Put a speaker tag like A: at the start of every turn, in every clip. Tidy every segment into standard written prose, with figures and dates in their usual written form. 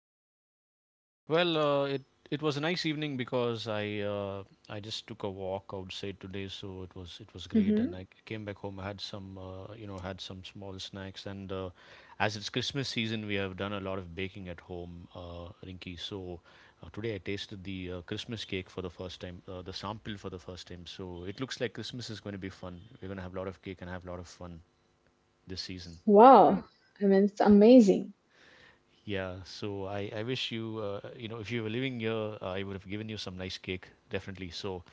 A: you?
B: Well, it was a nice evening because I just took a walk outside today, so it was great.
A: hmm
B: And I came back home. I had some had some small snacks, and as it's Christmas season, we have done a lot of baking at home, Rinky. So today I tasted the Christmas cake for the first time, the sample for the first time. So it looks like Christmas is going to be fun. We're going to have a lot of cake and have a lot of fun this season.
A: Wow. I mean, it's amazing.
B: Yeah, so I wish you, if you were living here, I would have given you some nice cake, definitely. So,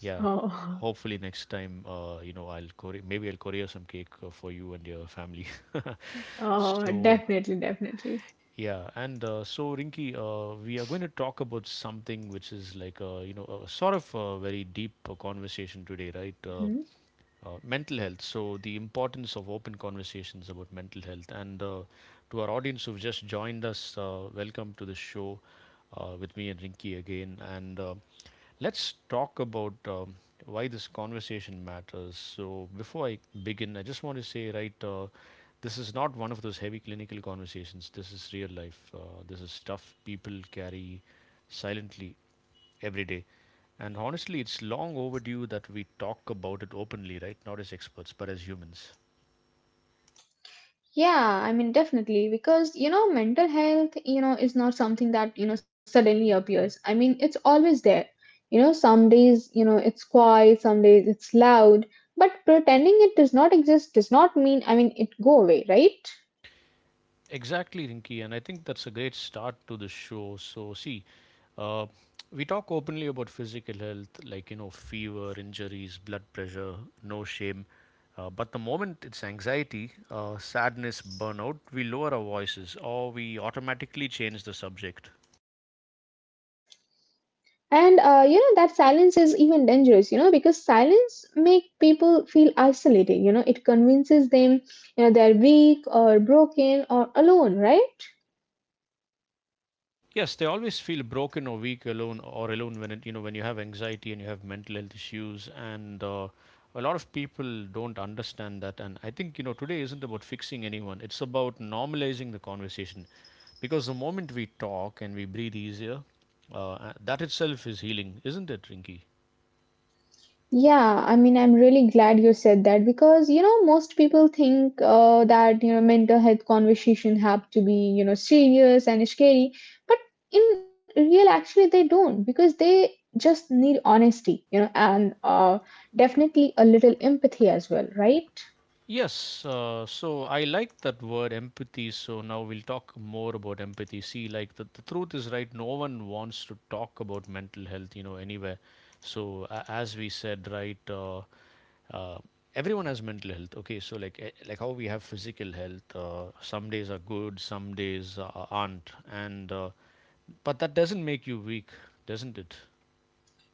B: yeah, hopefully next time, I'll courier, maybe I'll courier some cake for you and your family.
A: oh
B: So,
A: definitely, definitely.
B: yeah, and so Rinky, we are going to talk about something which is like, a sort of a very deep conversation today, right? Mental health. So the importance of open conversations about mental health. And to our audience who've just joined us, welcome to the show with me and Rinki again. And let's talk about why this conversation matters. So before I begin, I just want to say, right, this is not one of those heavy clinical conversations. This is real life. This is stuff people carry silently every day. And honestly, it's long overdue that we talk about it openly, right? Not as experts, but as humans.
A: Yeah, I mean, definitely, because mental health, is not something that suddenly appears. I mean, it's always there. Some days, it's quiet, some days it's loud, but pretending it does not exist does not mean, it go away, right?
B: Exactly, Rinky, and I think that's a great start to the show. So, see, uh, we talk openly about physical health, like you know, fever, injuries, blood pressure, no shame. But the moment it's anxiety, sadness, burnout, we lower our voices or we automatically change the subject.
A: That silence is even dangerous, because silence make people feel isolated, it convinces them, they're weak or broken or alone, right?
B: Yes, they always feel broken or weak alone or alone when it, you know when you have anxiety and you have mental health issues and a lot of people don't understand that, and I think you know today isn't about fixing anyone, it's about normalizing the conversation, because the moment we talk and we breathe easier, that itself is healing, isn't it, Rinky?
A: Yeah, I mean, I'm really glad you said that because, most people think that, mental health conversation have to be, serious and scary, but in real actually they don't because they just need honesty, you know, and definitely a little empathy as well, right?
B: Yes, so I like that word empathy. So now we'll talk more about empathy. See, like the truth is right, no one wants to talk about mental health, you know, anywhere. So, a as we said, right, uh, everyone has mental health. Okay, so like like how we have physical health, some days are good, some days aren't, and but that doesn't make you weak, doesn't it?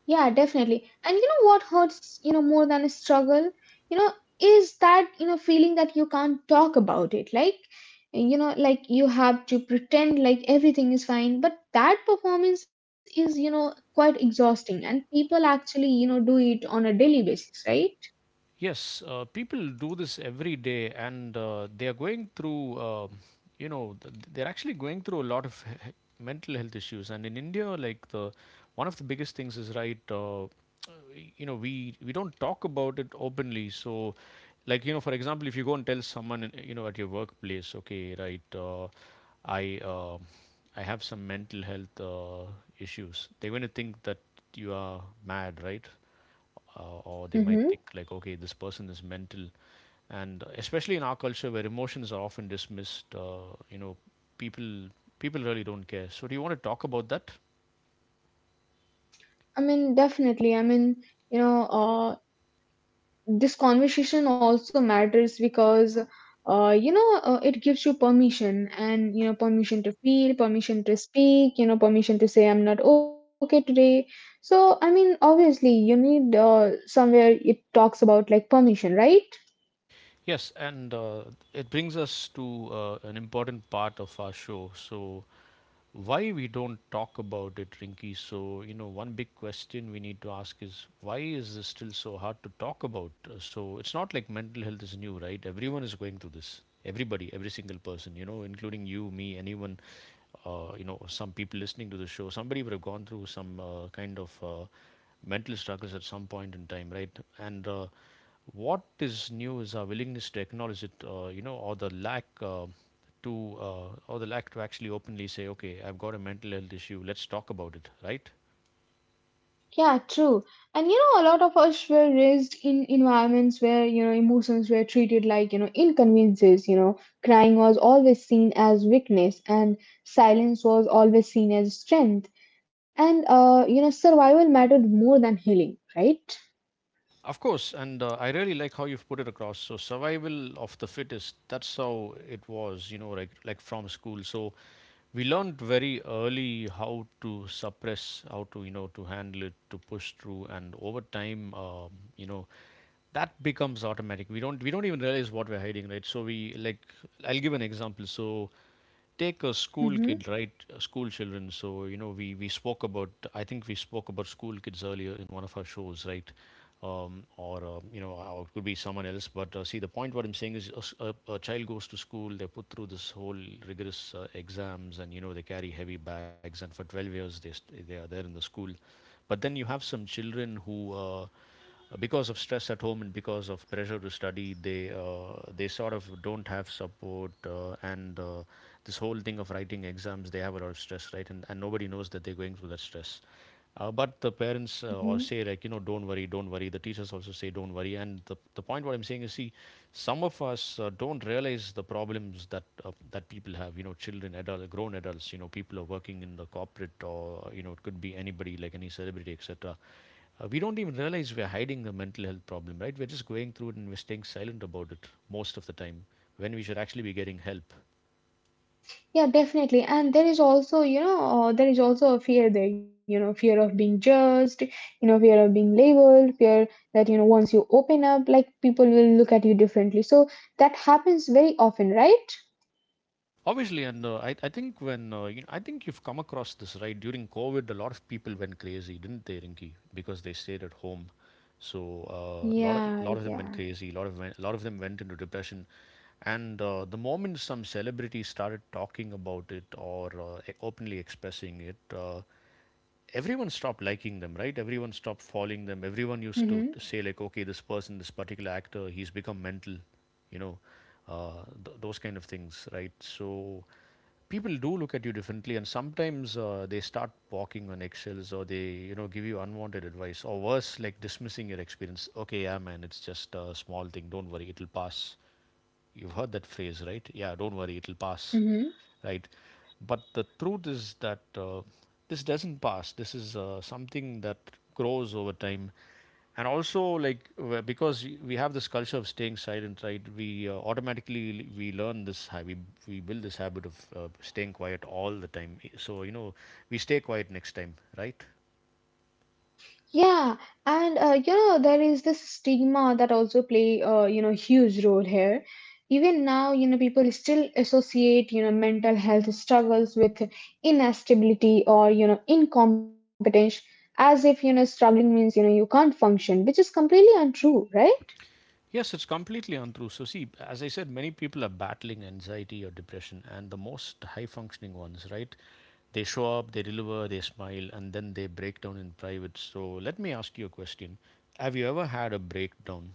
A: Yeah, definitely. And you know what hurts, more than a struggle, you know, is that, feeling that you can't talk about it. Like, like you have to pretend like everything is fine, but that performance is, quite exhausting. And people actually, do it on a daily basis, right?
B: Yes, people do this every day, and they are going through, they're actually going through a lot of mental health issues. And in India, like the one of the biggest things is right, we don't talk about it openly. So, like you know, for example, if you go and tell someone, you know, at your workplace, okay, right, I uh, I have some mental health issues. They're going to think that you are mad, right? Uh, or they might
A: Mm-hmm.
B: think like okay this person is mental, and especially in our culture where emotions are often dismissed, people people really don't care, so do you want to talk about that?
A: I mean, definitely. I mean, you know, uh, this conversation also matters because it gives you permission and permission to feel permission to speak permission to say I'm not okay today. So I mean obviously you need somewhere it talks about like permission, right?
B: Yes, and it brings us to an important part of our show. So, why we don't talk about it, Rinky? So, you know, one big question we need to ask is why is this still so hard to talk about? So, it's not like mental health is new, right? Everyone is going through this. Everybody, every single person, you know, including you, me, anyone, you know, some people listening to the show, somebody would have gone through some kind of mental struggles at some point in time, right? And what is new is our willingness to acknowledge it, you know, or the lack to actually openly say, okay, I've got a mental health issue. Let's talk about it, right?
A: Yeah, true. And you know, a lot of us were raised in environments where, emotions were treated like, inconveniences. Crying was always seen as weakness and silence was always seen as strength. Survival mattered more than healing, right?
B: Of course, and I, really like how you've put it across. So survival of the fittest. That's how it was, you know, like from school. So we learned very early how to suppress, how to you know to handle it, to push through, and over time, you know, that becomes automatic we don't even realize what we're hiding right so we like I'll give an example so take a school kid
A: Mm-hmm.
B: right school children so you know we spoke about I think we spoke about school kids earlier in one of our shows right or you know or it could be someone else but see the point what I'm saying is a, s- a child goes to school they put through this whole rigorous exams and you know they carry heavy bags and for 12 years they st- they are there in the school but then you have some children who because of stress at home and because of pressure to study, they sort of don't have support, and this whole thing of writing exams, they have a lot of stress, right? And nobody knows that they're going through that stress. But the parents or say like you know don't worry the teachers also say don't worry and the point what I'm saying is see some of us don't realize the problems that that people have you know children adult grown adults you know people are working in the corporate or you know it could be anybody like any celebrity etc we don't even realize we're hiding the mental health problem, right? We're just going through it and we're staying silent about it most of the time when we should actually be getting help.
A: Yeah, definitely. And there is also, there is also a fear there, fear of being judged, fear of being labeled, fear that, once you open up, like people will look at you differently. So that happens very often, right?
B: Obviously, and I think when you know, I think you've come across this right during COVID, a lot of people went crazy, didn't they, Rinki? Because they stayed at home, so a
A: Yeah,
B: lot of them went
A: yeah.
B: crazy. A lot of went, a lot of them went into depression. And the moment some celebrities started talking about it or openly expressing it, everyone stopped liking them, right? Everyone stopped following them. Everyone used to
A: Mm-hmm.
B: say, like, okay, this person, this particular actor, he's become mental, you know, those kind of things, right? So people do look at you differently, and sometimes they start walking on eggshells or they, you know, give you unwanted advice, or worse, like dismissing your experience. Okay, yeah, man, it's just a small thing. Don't worry, it'll pass. You've heard that phrase, right? Yeah, don't worry, it'll pass,
A: Mm-hmm.
B: right? But the truth is that this doesn't pass. This is something that grows over time. And also, like because we have this culture of staying silent, right? We automatically we learn this habit. We build this habit of staying quiet all the time. So you know, we stay quiet next time, right?
A: Yeah, and you know there is this stigma that also play you know huge role here. Even now, you know people still associate you know mental health struggles with instability or you know incompetence, as if you know struggling means you know you can't function, which is completely untrue, right?
B: Yes, it's completely untrue. So, see, as I said, many people are battling anxiety or depression, and the most high functioning ones, right? They show up, they deliver, they smile, and then they break down in private. So, let me ask you a question. Have you ever had a breakdown?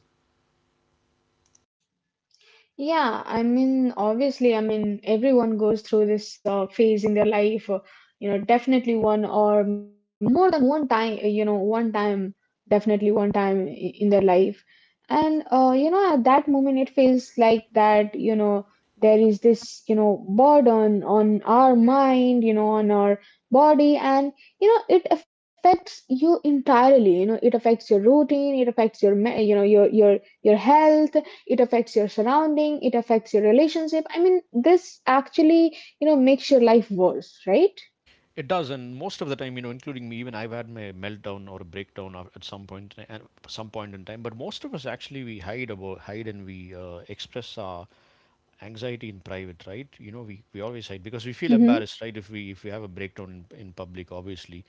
A: Yeah, I mean, obviously, I mean, everyone goes through this phase in their life, definitely one or more than one time, one time, definitely one time in their life. At that moment, it feels like that, there is this, burden on our mind, on our body, and, it affects you entirely, it affects your routine, it affects your, me- you know, your health. It affects your surrounding, it affects your relationship. I mean this actually you know makes your life worse, right?
B: It does, and most of the time, you know, including me, even I've had my meltdown or a breakdown at some point in time. But most of us actually we hide about, hide, and we express our anxiety in private, right? You know we always hide because we feel
A: Mm-hmm.
B: embarrassed, right? If we have a breakdown in public, obviously.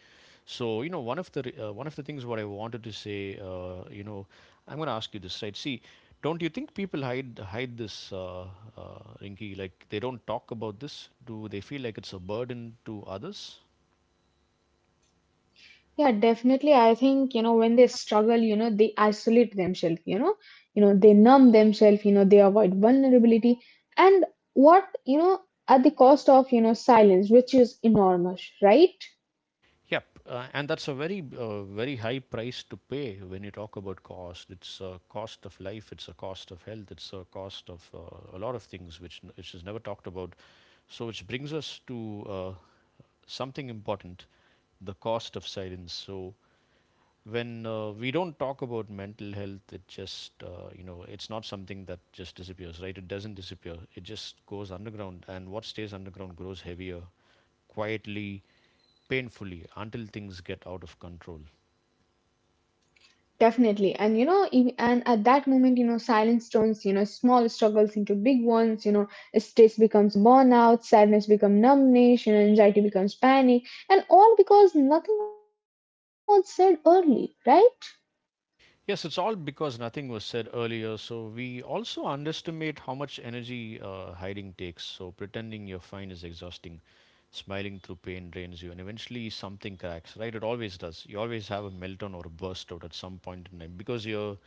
B: So you know, one of the one of the things what I wanted to say, I'm going to ask you this, right? See, don't you think people hide this, Rinky? Like they don't talk about this. Do they feel like it's a burden to others?
A: Yeah definitely. I think you know when they struggle you know they isolate themselves, you know they numb themselves, you know they avoid vulnerability and what you know at the cost of you know silence, which is enormous, right?
B: Yep, and that's a very, very high price to pay when you talk about cost. It's a cost of life, it's a cost of health, it's a cost of a lot of things which, which is never talked about. So, which brings us to something important, the cost of silence. So, when we don't talk about mental health, it just, it's not something that just disappears, right? It doesn't disappear, it just goes underground, and what stays underground grows heavier, quietly, painfully, until things get out of control.
A: Definitely. And at that moment, silence turns, small struggles into big ones, stress becomes burnout, sadness becomes numbness, anxiety becomes panic, and all because nothing was said early, right?
B: Yes, it's all because nothing was said earlier. So we also underestimate how much energy hiding takes. So pretending you're fine is exhausting. Smiling through pain drains you, and eventually something cracks. Right? It always does. You always have a meltdown or a burst out at some point in time because you're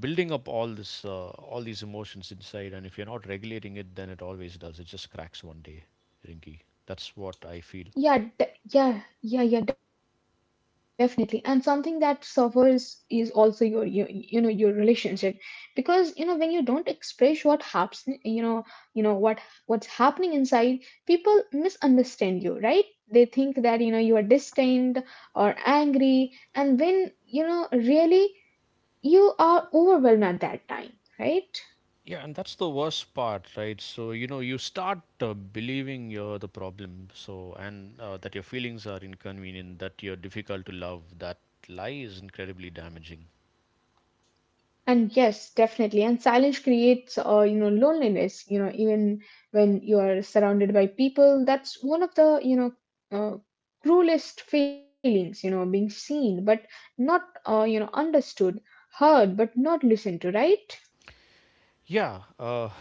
B: building up all this, all these emotions inside, and if you're not regulating it, then it always does. It just cracks one day, Rinky. That's what I feel.
A: Yeah, definitely. And something that suffers is also your relationship, because you know when you don't express what happens, you know what's happening inside, people misunderstand you, right? They think that you are distant or angry, and when really you are overwhelmed at that time, right?
B: Yeah, and that's the worst part, right? So, you know, you start believing you're the problem, so, and that your feelings are inconvenient, that you're difficult to love. That lie is incredibly damaging.
A: And yes definitely and silence creates you know loneliness, you know even when you are surrounded by people. That's one of the uh, cruelest feelings, you know being seen but not you know understood, heard but not listened to, right?
B: Yeah,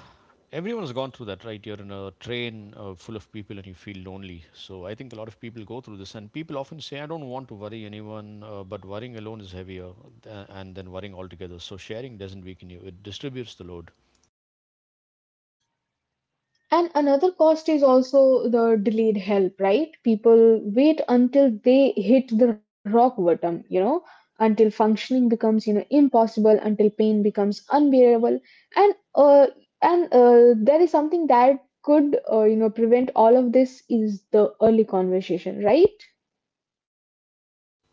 B: everyone's gone through that, right? You're in a train full of people and you feel lonely. So, I think a lot of people go through this, and people often say, I don't want to worry anyone, but worrying alone is heavier and then worrying altogether. So, sharing doesn't weaken you, it distributes the load.
A: And another cost is also the delayed help, right? People wait until they hit the rock bottom, until functioning becomes, impossible, until pain becomes unbearable. And uh, and there is something that could, prevent all of this is the early conversation, right?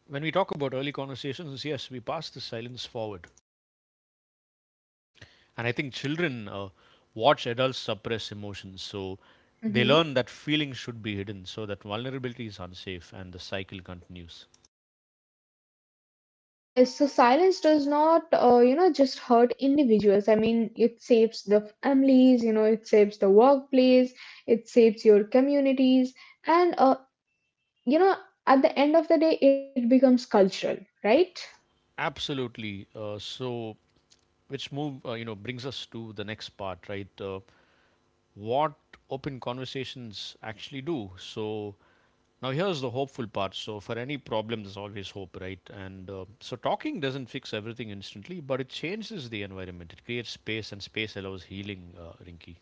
B: When we talk about early conversations, yes, we pass the silence forward. And I think children watch adults suppress emotions, so they
A: Mm-hmm.
B: learn that feelings should be hidden, so that vulnerability is unsafe, and the cycle continues.
A: Yes, so silence does not, just hurt individuals. I mean, it saves the families, it saves the workplace, it saves your communities, and, uh, you know, at the end of the day, it becomes cultural, right?
B: Absolutely. So, which move you know brings us to the next part, right? What open conversations actually do. So now here's the hopeful part. So for any problem, there's always hope, right? And so talking doesn't fix everything instantly, but it changes the environment. It creates space, and space allows healing, Rinky.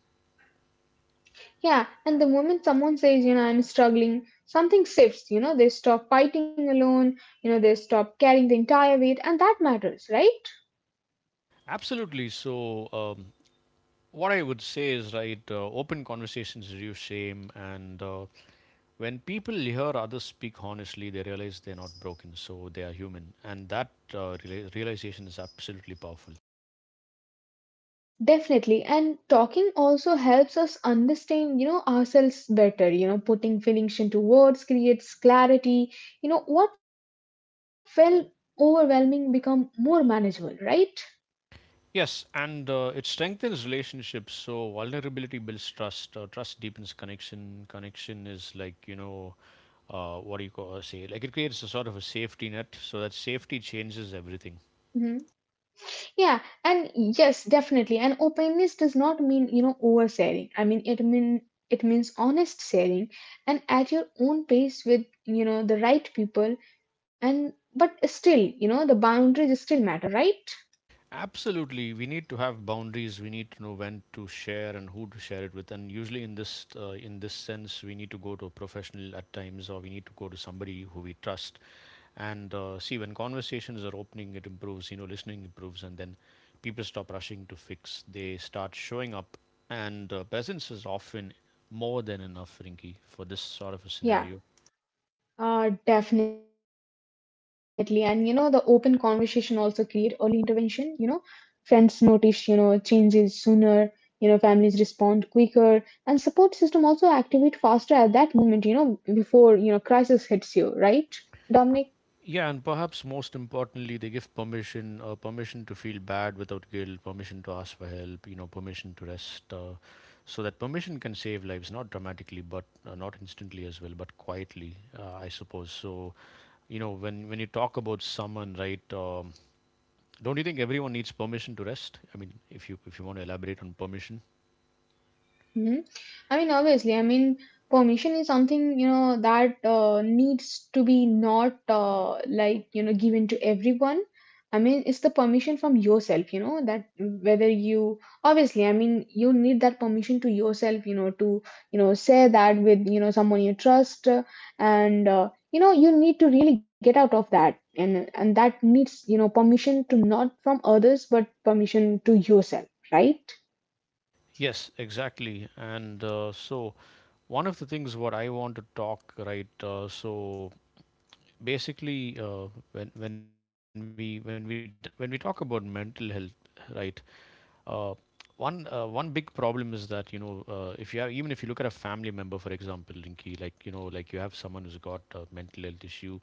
A: Yeah, and the moment someone says, I'm struggling, something shifts, they stop fighting alone, they stop carrying the entire weight, and that matters, right?
B: Absolutely. So, what I would say is, right, open conversations reduce shame. And when people hear others speak honestly, they realize they're not broken, so they are human. And that realization is absolutely powerful.
A: Definitely. And talking also helps us understand, ourselves better. You know, putting feelings into words creates clarity. You know, what felt overwhelming become more manageable, right?
B: Yes, and it strengthens relationships. So, vulnerability builds trust, trust deepens connection. Connection is like, you know, what do you call, say, like it creates a sort of a safety net. So, that safety changes everything.
A: hmm Yeah, and yes, definitely. And openness does not mean, oversharing. It means honest sharing and at your own pace with, the right people. And but still, the boundaries still matter, right?
B: Absolutely. We need to have boundaries. We need to know when to share and who to share it with. And usually, in this sense, we need to go to a professional at times, or we need to go to somebody who we trust. And see, when conversations are opening, it improves. You know, listening improves, and then people stop rushing to fix. They start showing up, and presence is often more than enough, Rinky, for this sort of a scenario.
A: Yeah. Definitely. And you know, the open conversation also create early intervention. Friends notice, changes sooner, families respond quicker, and support system also activate faster at that moment, before, crisis hits you, right, Dominic?
B: Yeah, and perhaps most importantly, they give permission permission to feel bad without guilt, permission to ask for help, you know, permission to rest. So that permission can save lives, not dramatically, but not instantly as well, but quietly, I suppose. So you know, when you talk about someone, right? Don't you think everyone needs permission to rest? I mean, if you want to elaborate on permission.
A: hmm I mean, obviously, I mean, permission is something, that needs to be not given to everyone. I mean, it's the permission from yourself, that whether you, obviously, I mean, you need that permission to yourself, to, say that with, someone you trust. And, you need to really get out of that. And that needs, permission to not from others, but permission to yourself, right?
B: Yes, exactly. And so one of the things what I want to talk, right? So basically when we talk about mental health, right? uh, One big problem is that, you know, if you have, even if you look at a family member, for example, Rinki, like, you know, like you have someone who's got a mental health issue,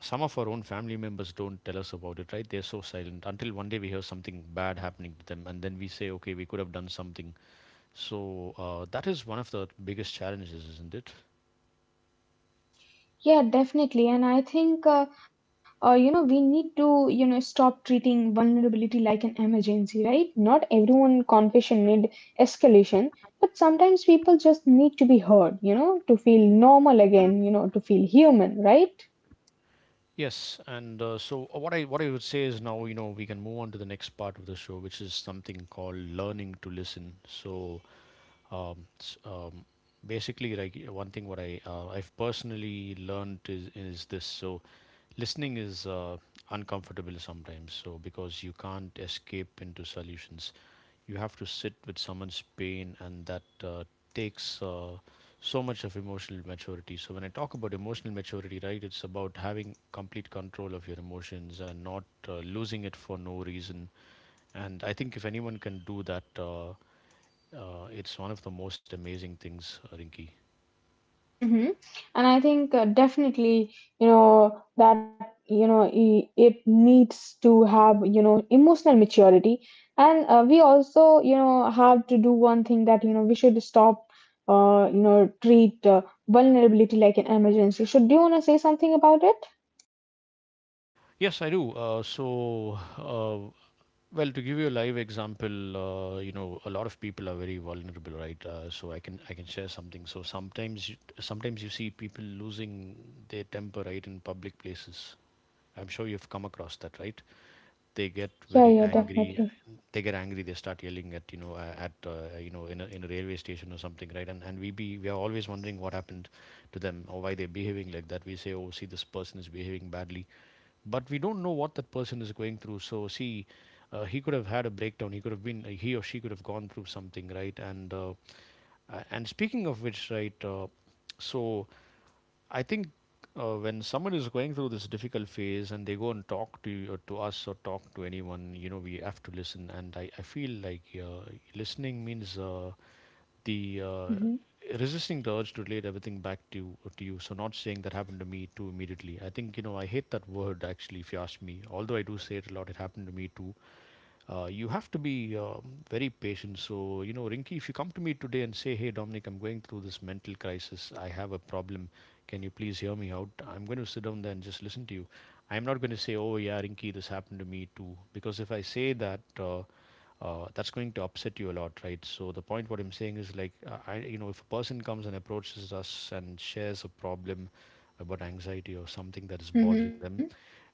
B: some of our own family members don't tell us about it, right? They're so silent until one day we hear something bad happening to them, and then we say, okay, we could have done something. So that is one of the biggest challenges, isn't it?
A: Yeah, definitely. And I think, we need to, stop treating vulnerability like an emergency, right? Not everyone confession need escalation, but sometimes people just need to be heard, to feel normal again, to feel human, right?
B: Yes, and what I would say is, now, you know, we can move on to the next part of the show, which is something called learning to listen. So um, s- um, basically, like, one thing what I've personally learned is this. So listening is uncomfortable sometimes. So because you can't escape into solutions, you have to sit with someone's pain, and that takes so much of emotional maturity. So when I talk about emotional maturity, right, it's about having complete control of your emotions and not losing it for no reason. And I think if anyone can do that, it's one of the most amazing things, Rinki.
A: Mm-hmm. And I think definitely, that, it needs to have, emotional maturity. And we also, have to do one thing that, we should stop, treat vulnerability like an emergency. So, do you want to say something about it?
B: Yes, I do. Uh, Well, to give you a live example, you know, a lot of people are very vulnerable, right? I can share something. So sometimes you see people losing their temper, right, in public places. I'm sure you've come across that, right? They get very
A: Yeah, yeah,
B: angry.
A: definitely.
B: They get angry. They start yelling at, you know, at you know, in a railway station or something, right? And we are always wondering what happened to them or why they're behaving like that. We say, oh, see, this person is behaving badly, but we don't know what that person is going through. So see, he could have had a breakdown, he could have been, he or she could have gone through something, right? And and speaking of which, right, so I think, when someone is going through this difficult phase and they go and talk to you, or to us, or talk to anyone, you know, we have to listen. And I feel like listening means the
A: Mm-hmm.
B: resisting the urge to relate everything back to you, to you. So not saying that happened to me too immediately. I think, you know, I hate that word actually. If you ask me, although I do say it a lot, it happened to me too. You have to be very patient. So, you know, Rinky, if you come to me today and say, hey, Dominic, I'm going through this mental crisis, I have a problem, can you please hear me out? I'm going to sit down there and just listen to you. I'm not going to say, oh, yeah, Rinky, this happened to me too. Because if I say that, that's going to upset you a lot, right? So the point what I'm saying is like, you know, if a person comes and approaches us and shares a problem about anxiety or something that is bothering
A: Mm-hmm.
B: them,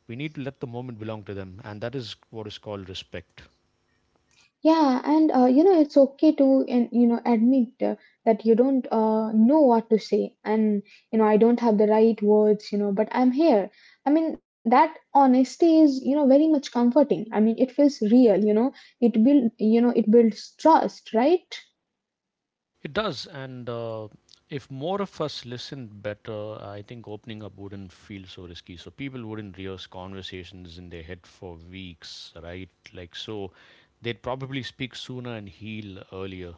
B: we need to let the moment belong to them, and that is what is called respect.
A: Yeah, and you know it's okay to and you know admit that you don't know what to say, and you know I don't have the right words, but I'm here. I mean that honesty is you know very much comforting. I mean it feels real, you know. It build you know it builds trust, right?
B: It does, and if more of us listened better, I think opening up wouldn't feel so risky. So people wouldn't rehearse conversations in their head for weeks, right? Like so, they'd probably speak sooner and heal earlier.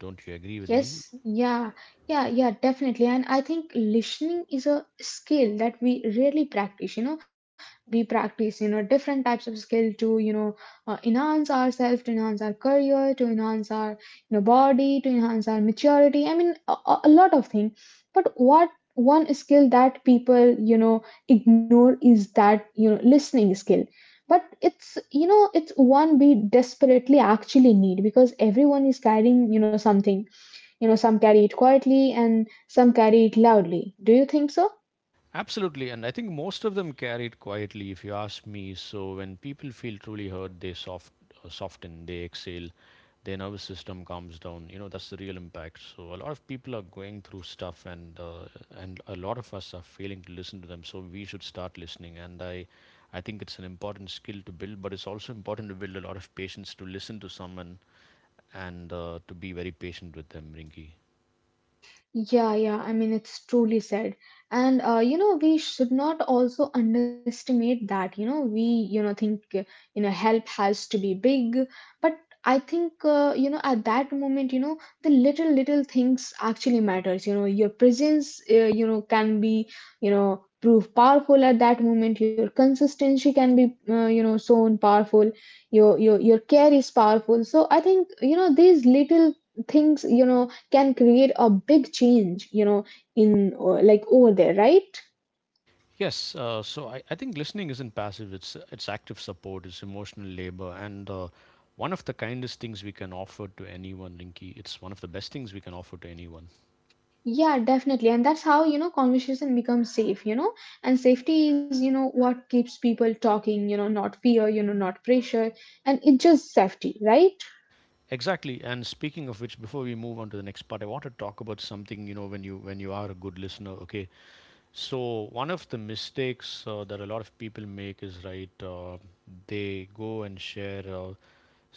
B: Don't you agree with me?
A: Yes, yeah, definitely. And I think listening is a skill that we rarely practice. We practice, different types of skill to, enhance ourselves, to enhance our career, to enhance our, body, to enhance our maturity. I mean, a lot of things. But what one skill that people, ignore is that, listening skill. But it's, it's one we desperately actually need because everyone is carrying, something you know, some carry it quietly and some carry it loudly. Do you think so?
B: Absolutely, and I think most of them carry it quietly, if you ask me. So when people feel truly heard, they soften, they exhale, their nervous system calms down. You know that's the real impact. So a lot of people are going through stuff, and a lot of us are failing to listen to them. So we should start listening, and I. I think it's an important skill to build, but it's also important to build a lot of patience to listen to someone and to be very patient with them, Rinki.
A: Yeah, yeah, I mean, it's truly said. We should not also underestimate that. You know, we, you know, think, You know, help has to be big. But I think, at that moment, the little, little things actually matters. You know, your presence, can be, prove powerful at that moment. Your consistency can be, so powerful. Your care is powerful. So I think, these little things, can create a big change you know in like over there right.
B: Yes, I think listening isn't passive, it's active support, it's emotional labor, and one of the kindest things we can offer to anyone, Rinky. It's one of the best things we can offer to anyone.
A: Yeah definitely, and that's how you know conversation becomes safe, you know. And safety is you know what keeps people talking, you know, not fear, you know, not pressure, and it's just safety, right?
B: Exactly. And speaking of which, before we move on to the next part, I want to talk about something, you know, when you are a good listener, okay? So one of the mistakes that a lot of people make is right, they go and share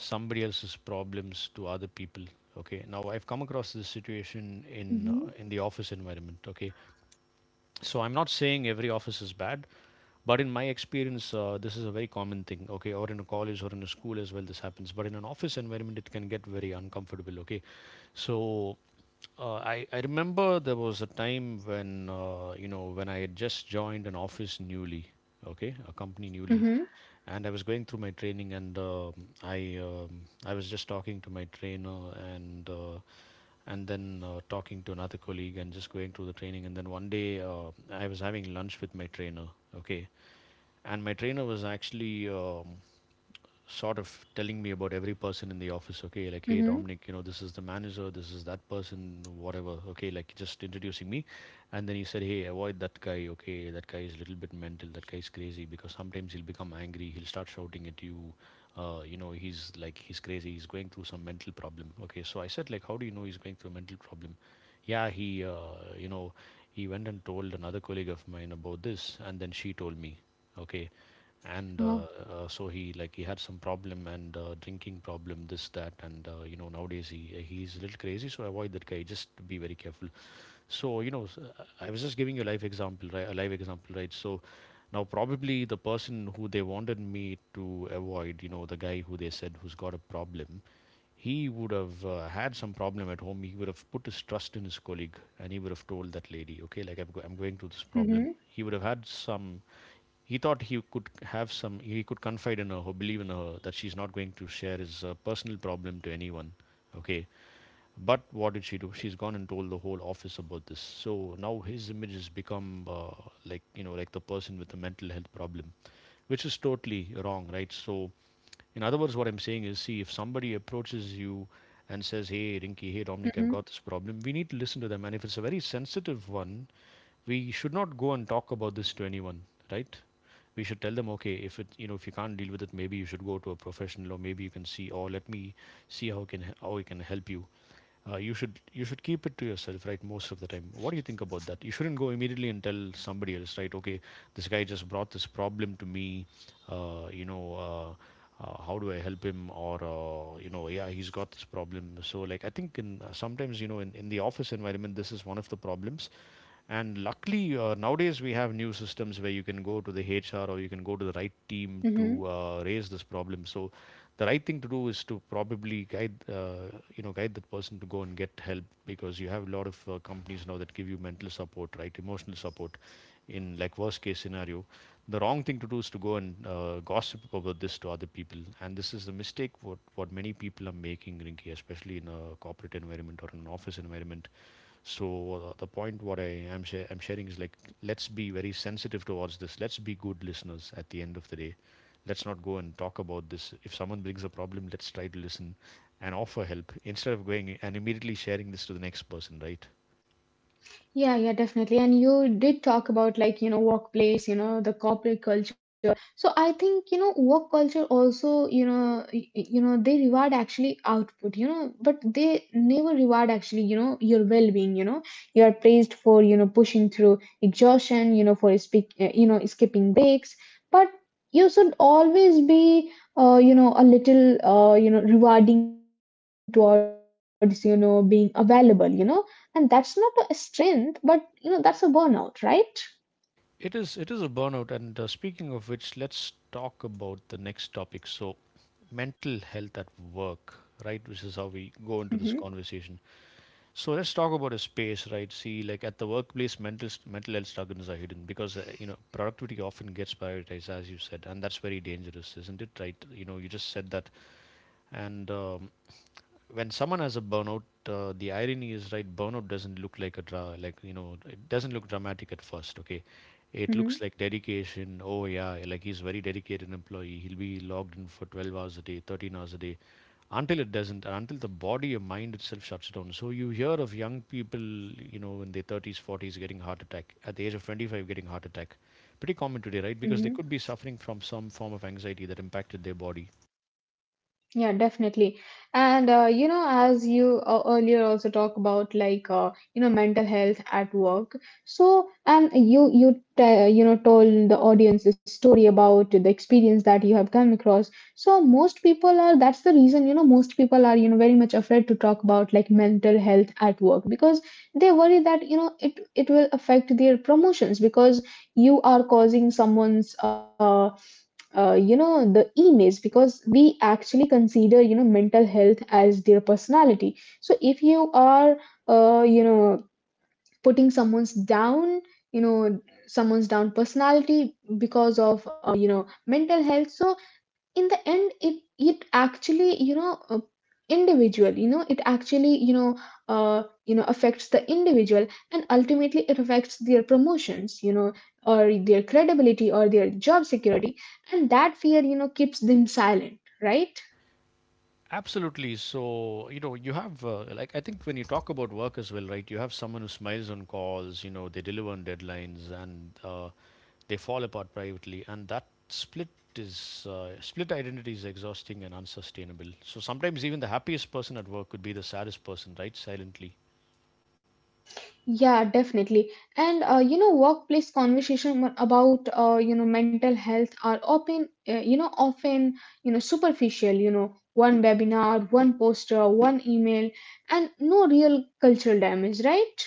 B: somebody else's problems to other people. Okay, now I've come across this situation in uh,
A: Mm-hmm.
B: in the office environment. Okay, so I'm not saying every office is bad, but in my experience, this is a very common thing. Okay, or in a college or in a school as well, this happens, but in an office environment it can get very uncomfortable. Okay, so I remember there was a time when, you know, when I had just joined an office newly, okay, a company newly.
A: Mm-hmm.
B: And I was going through my training, and I was just talking to my trainer, and uh, and then talking to another colleague, and just going through the training, and then one day, I was having lunch with my trainer, okay, and my trainer was actually, sort of telling me about every person in the office. Okay, like, hey,
A: Mm-hmm.
B: Dominic, you know, this is the manager, this is that person, whatever, okay, like just introducing me. And then he said, hey, avoid that guy, okay, that guy is a little bit mental, that guy is crazy because sometimes he'll become angry, he'll start shouting at you. You know, he's like, he's crazy, he's going through some mental problem, okay. So I said, like, how do you know he's going through a mental problem? Yeah, you know, he went and told another colleague of mine about this, and then she told me, okay. And
A: Oh.
B: so he like he had some problem and, drinking problem, this, that, and, you know, nowadays he's a little crazy, so avoid that guy, just be very careful. So you know, I was just giving you a life example, right, a live example, right. So now probably the person who they wanted me to avoid, you know, the guy who they said who's got a problem, he would have had some problem at home, he would have put his trust in his colleague, and he would have told that lady, okay, like, I'm going through this problem.
A: Mm-hmm.
B: He would have had some, he thought he could have some, he could confide in her or believe in her that she's not going to share his personal problem to anyone. Okay, but what did she do? She's gone and told the whole office about this. So now his image has become, like, you know, like the person with a mental health problem, which is totally wrong, right? So in other words, what I'm saying is, see, if somebody approaches you and says, hey, Rinky, hey, Dominic, I've got
A: Mm-hmm.
B: this problem, we need to listen to them, and if it's a very sensitive one, we should not go and talk about this to anyone, right? We should tell them, okay, if it, you know, if you can't deal with it, maybe you should go to a professional, or maybe you can see, or let me see how can how we can help you. You should keep it to yourself, right? Most of the time. What do you think about that? You shouldn't go immediately and tell somebody else, right? Okay, this guy just brought this problem to me. Uh, you know, uh, how do I help him? Or you know, yeah, he's got this problem. So like, I think in, sometimes, you know, in the office environment, this is one of the problems. And luckily, nowadays we have new systems where you can go to the HR or you can go to the right team
A: Mm-hmm.
B: to raise this problem. So the right thing to do is to probably guide, you know, guide that person to go and get help, because you have a lot of companies now that give you mental support, right, emotional support. In like worst case scenario, the wrong thing to do is to go and gossip about this to other people, and this is the mistake what many people are making, Rinky, especially in a corporate environment or an office environment. So the point what I am I'm sharing is like, let's be very sensitive towards this. Let's be good listeners at the end of the day. Let's not go and talk about this. If someone brings a problem, let's try to listen and offer help instead of going and immediately sharing this to the next person, right?
A: Yeah, yeah, definitely. And you did talk about like, workplace, the corporate culture. So I think work culture also they reward actually output, but they never reward actually your well-being you are praised for pushing through exhaustion, for speak you know skipping breaks, but you should always be a little rewarding towards being available and that's not a strength, but that's a burnout, right?
B: It is a burnout, and speaking of which, let's talk about the next topic. So mental health at work, right? Which is how we
A: Mm-hmm.
B: go into this conversation. So let's talk about a space, right? See, like at the workplace, mental health struggles are hidden because, you know, productivity often gets prioritized, as you said, and that's very dangerous, isn't it? Right? You know, you just said that. And when someone has a burnout, the irony is right. Burnout doesn't look like a like you know, it doesn't look dramatic at first. Okay, it looks like dedication. Oh yeah, like he's very dedicated employee. He'll be logged in for 12 hours a day, 13 hours a day, until it doesn't. Until the body or mind itself shuts down. So you hear of young people, you know, in their 30s, 40s, getting heart attack at the age of 25, getting heart attack. Pretty common today, right? Because
A: Mm-hmm.
B: they could be suffering from some form of anxiety that impacted their body.
A: Yeah, definitely. And as you earlier also talk about like mental health at work. So, and you te- you know told the audience the story about the experience that you have come across. So most people are, that's the reason most people are very much afraid to talk about like mental health at work, because they worry that it will affect their promotions, because you are causing someone's the emails, because we actually consider mental health as their personality. So if you are uh, you know putting someone's down you know someone's down personality because of mental health, so in the end it actually individual it actually affects the individual, and ultimately it affects their promotions or their credibility or their job security, and that fear keeps them silent, right?
B: Absolutely. So, you know, you have, like, I think when you talk about work as well, right, you have someone who smiles on calls, you know, they deliver on deadlines, and they fall apart privately. And that split is, split identity is exhausting and unsustainable. So sometimes even the happiest person at work could be the saddest person, right, silently.
A: Yeah, definitely. And workplace conversation about mental health are often superficial. One webinar, one poster, one email, and no real cultural damage, right?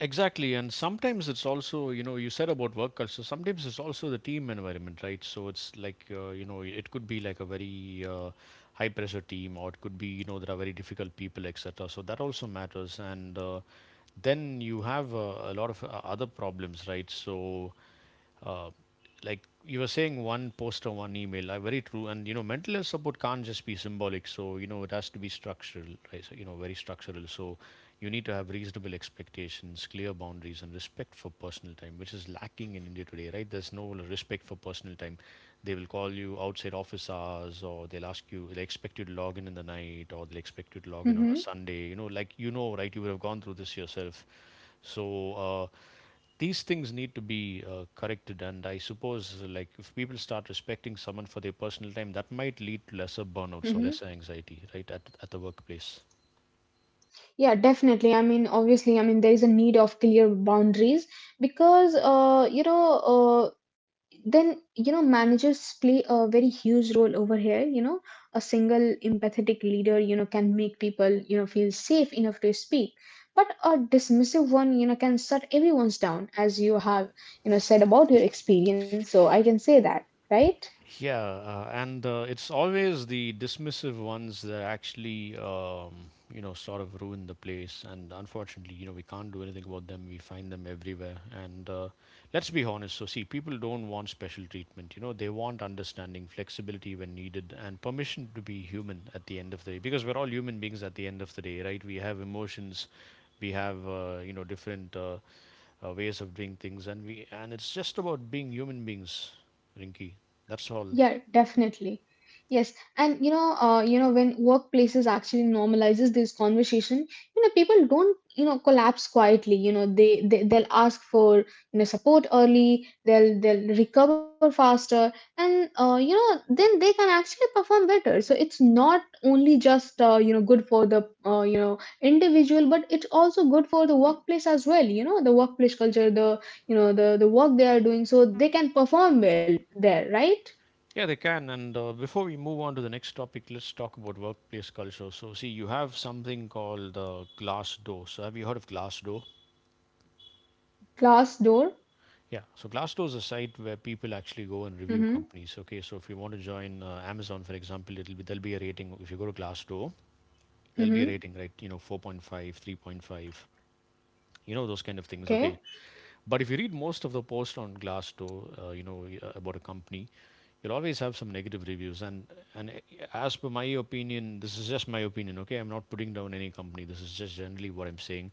B: Exactly, and sometimes it's also, you know, you said about work culture. Sometimes it's also the team environment, right? So it's like, you know, it could be like a very high pressure team, or it could be, you know, there are very difficult people, etc. So that also matters, and then you have a lot of other problems, right? So, uh, like, you were saying, one post or one email are very true, and you know, mental health support can't just be symbolic, so you know, it has to be structural, right. So, you know, very structural. So you need to have reasonable expectations, clear boundaries, and respect for personal time, which is lacking in India today, right? There's no respect for personal time. They will call you outside office hours, or they'll ask you, they expect you to log in the night, or they'll expect you to log in on a
A: Mm-hmm.
B: Sunday, you know, like, you know, right? You would have gone through this yourself. So these things need to be corrected, and I suppose, like, if people start respecting someone for their personal time, that might lead to lesser burnout,
A: Mm-hmm.
B: so lesser anxiety, right, at the workplace.
A: Yeah, definitely. I mean, obviously, I mean, there is a need of clear boundaries, because, uh, then, managers play a very huge role over here. A single empathetic leader, can make people, feel safe enough to speak. But a dismissive one, can shut everyone's down, as you have, said about your experience. So I can say that, right?
B: Yeah, and it's always the dismissive ones that actually, you know, sort of ruin the place. And unfortunately, you know, we can't do anything about them. We find them everywhere. And let's be honest. So, see, people don't want special treatment. You know, they want understanding, flexibility when needed, and permission to be human at the end of the day. Because we're all human beings at the end of the day, right? We have emotions, we have, you know, different ways of doing things, and we and it's just about being human beings, Rinky. That's all.
A: Yeah, definitely. Yes, and when workplaces actually normalizes this conversation, people don't, collapse quietly. They'll ask for support early. They'll recover faster, and then they can actually perform better. So it's not only just good for the individual, but it's also good for the workplace as well. The workplace culture, the work they are doing, so they can perform well there, right?
B: Yeah, they can. And before we move on to the next topic, let's talk about workplace culture. So, see, you have something called Glassdoor. So, have you heard of Glassdoor?
A: Glass door.
B: Yeah. So, Glassdoor is a site where people actually go and
A: Mm-hmm.
B: review companies. Okay. So, if you want to join Amazon, for example, it'll be there'll be a rating. If you go to Glassdoor, there'll be a
A: Mhm.
B: rating, right? You know, 4.5, 3.5, you know, those kind of things.
A: Okay.
B: Okay. But if you read most of the posts on Glassdoor, about a company, you'll always have some negative reviews. And as per my opinion, this is just my opinion. Okay, I'm not putting down any company. This is just generally what I'm saying.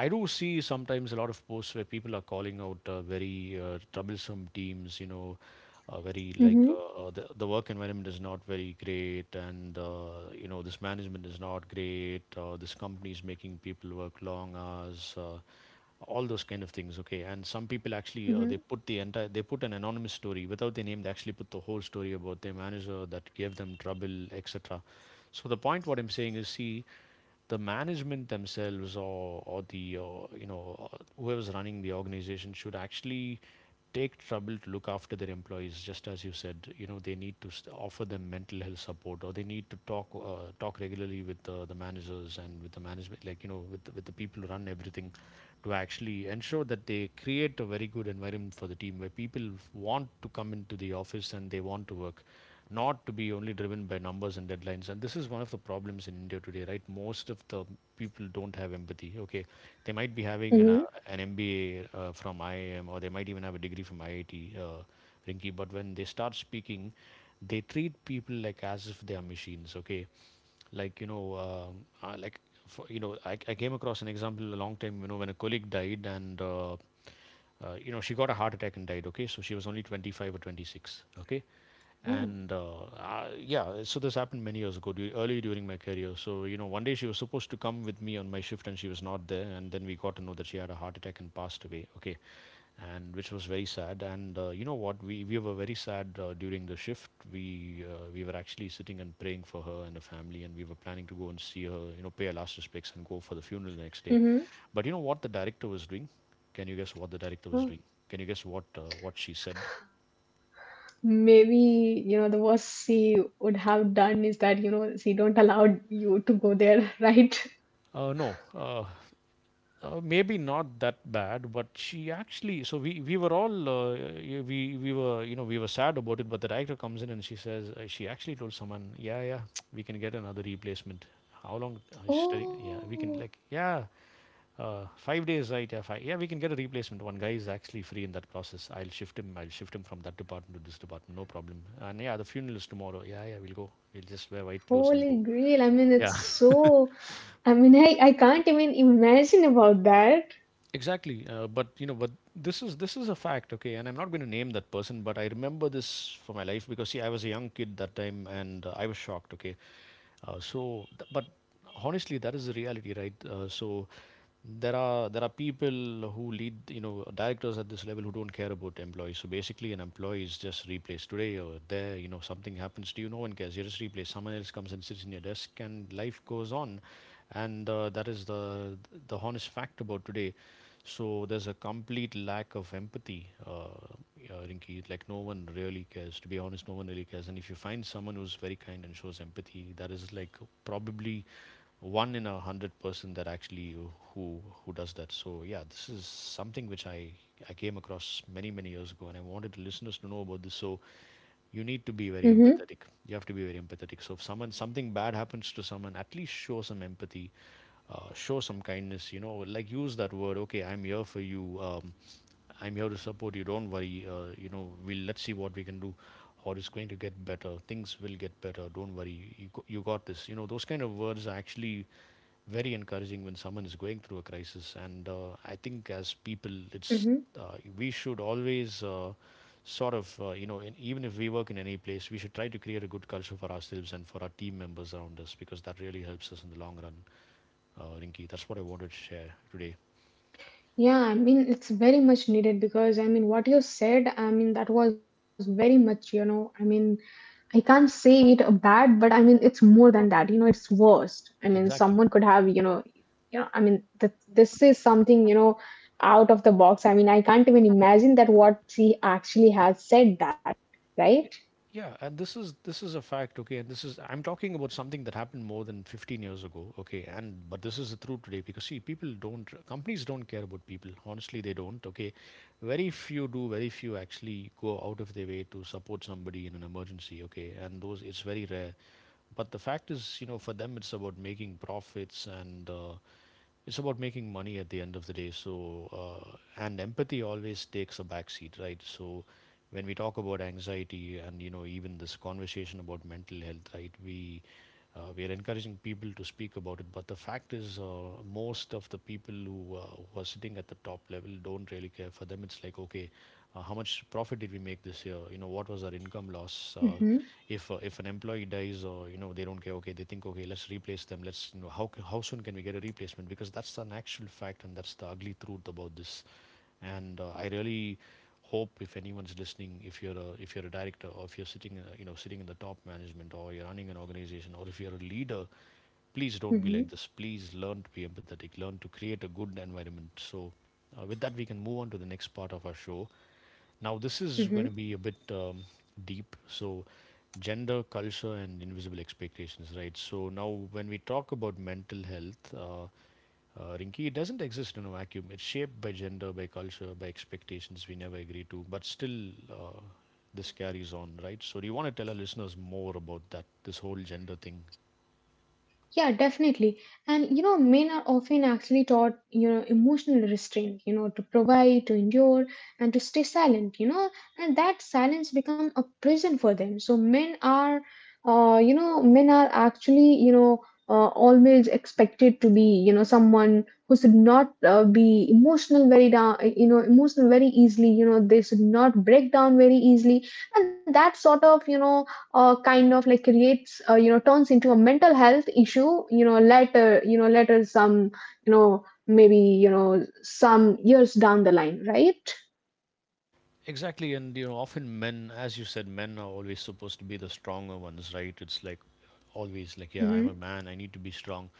B: I do see sometimes a lot of posts where people are calling out very troublesome teams, you know, very like
A: Mm-hmm.
B: the work environment is not very great, and you know, this management is not great, this company is making people work long hours. All those kind of things, okay. And some people actually,
A: Mhm.
B: they put an anonymous story without their name. They actually put the whole story about their manager that gave them trouble, etc. So the point what I'm saying is, see, the management themselves or the whoever's running the organization should actually take trouble to look after their employees, just as you said, you know. They need to offer them mental health support, or they need to talk regularly with the managers and with the management, like you know, with the people who run everything, to actually ensure that they create a very good environment for the team where people want to come into the office and they want to work, not to be only driven by numbers and deadlines. And this is one of the problems in India today, right? Most of the people don't have empathy. Okay, they might be having
A: Mm-hmm.
B: an MBA from IIM, or they might even have a degree from IIT, Rinki, but when they start speaking, they treat people like as if they are machines. Okay, like for, you know, I came across an example a long time, you know, when a colleague died, and you know, she got a heart attack and died. Okay, so she was only 25 or 26. Okay, and
A: Oh.
B: yeah, so this happened many years ago, early during my career. So you know, one day she was supposed to come with me on my shift, and she was not there. And then we got to know that she had a heart attack and passed away. Okay, and which was very sad. And you know what, we were very sad during the shift. We were actually sitting and praying for her and her family, and we were planning to go and see her, you know, pay her last respects and go for the funeral the next day. But you
A: Mhm.
B: know what the director was doing? Can you guess what the director was doing? Can
A: Oh.
B: you guess what she said?
A: Maybe, the worst she would have done is that, she don't allow you to go there, right?
B: No, maybe not that bad, but she actually. So we were all yeah, we were, you know, we were sad about it. But the director comes in and she says, she actually told someone, yeah, yeah, we can get another replacement. How long? She's telling, yeah, we can,
A: Oh.
B: like, yeah, five days, right? Yeah, five, yeah, we can get a replacement. One guy is actually free in that process. I'll shift him. I'll shift him from that department to this department. No problem. And yeah, the funeral is tomorrow. Yeah, yeah, we'll go. We'll just wear white clothes and
A: Holy
B: go.
A: grail. I mean, it's
B: Yeah.
A: so, I mean, I can't even imagine about that.
B: Exactly, but you know, but this is a fact, okay. And I'm not going to name that person, but I remember this for my life because, see, I was a young kid that time, and I was shocked, okay. But honestly, that is the reality, right? So, there are people who lead, you know, directors at this level who don't care about employees. So basically, an employee is just replaced today or there. You know, something happens to you, no one cares. You're just replaced. Someone else comes and sits in your desk, and life goes on, and that is the honest fact about today. So there's a complete lack of empathy, yeah, Rinki. Like, no one really cares. To be honest, no one really cares. And if you find someone who's very kind and shows empathy, that is like probably one in a hundred person that actually who does that. So yeah, this is something which I came across many many years ago, and I wanted the listeners to know about this. So you need to be very
A: Mm-hmm.
B: empathetic. You have to be very empathetic. So if someone something bad happens to someone, at least show some empathy, show some kindness. You know, like, use that word. Okay, I'm here for you. I'm here to support you. Don't worry. You know, we'll let's see what we can do, or it's going to get better. Things will get better. Don't worry. You got this. You know, those kind of words are actually very encouraging when someone is going through a crisis. And I think as people, it's
A: Mm-hmm.
B: we should always. Sort of you know, in, even if we work in any place, we should try to create a good culture for ourselves and for our team members around us, because that really helps us in the long run, Rinki. That's what I wanted to share today.
A: Yeah, I mean, it's very much needed because I mean, what you said, I mean, that was very much, I mean, I can't say it a bad, but I mean it's more than that. It's worst. I mean,
B: Exactly.
A: someone could have, I mean, th this is something, out of the box. I mean, I can't even imagine that what she actually has said that, right?
B: Yeah, and this is a fact, okay, and this is, I'm talking about something that happened more than 15 years ago, okay, and but this is the truth today because, see, people don't companies don't care about people. Honestly, they don't, okay. Very few do, very few actually go out of their way to support somebody in an emergency, okay, and those, it's very rare. But the fact is, you know, for them it's about making profits, and it's about making money at the end of the day. So and empathy always takes a backseat, right? So when we talk about anxiety, and you know, even this conversation about mental health, right, we are encouraging people to speak about it, but the fact is, most of the people who are sitting at the top level don't really care. For them, it's like, okay, how much profit did we make this year, you know, what was our income, loss,
A: Mm-hmm.
B: if an employee dies, or you know, they don't care. Okay, they think, okay, let's replace them, let's, you know, how soon can we get a replacement, because that's an actual fact, and that's the ugly truth about this. And I really hope, if anyone's listening, if you're a, if you're a director, or if you're sitting in a-, you know, sitting in the top management, or you're running an organization, or if you're a leader, please don't be
A: Mm-hmm.
B: like this. Please learn to be empathetic. Learn to create a good environment. So with that, we can move on to the next part of our show. Now, this is going to be a bit deep. So, gender, culture, and invisible expectations, right? So, now when we talk about mental health, Rinki, it doesn't exist in a vacuum. It's shaped by gender, by culture, by expectations we never agree to, but still, this carries on, right? So, do you want to tell our listeners more about that, this whole gender thing?
A: Yeah, definitely. And men are often actually taught, emotional restraint, to provide, to endure, and to stay silent, and that silence become a prison for them. So men are, men are actually, always expected to be, someone who should not be emotional very down, emotional very easily. They should not break down very easily, and that sort of, kind of like creates turns into a mental health issue later, later some, maybe some years down the line, right?
B: Exactly, and you know, often men, as you said, men are always supposed to be the stronger ones, right? It's like always like, yeah, I'm a
A: Mm-hmm.
B: man, I need to be strong.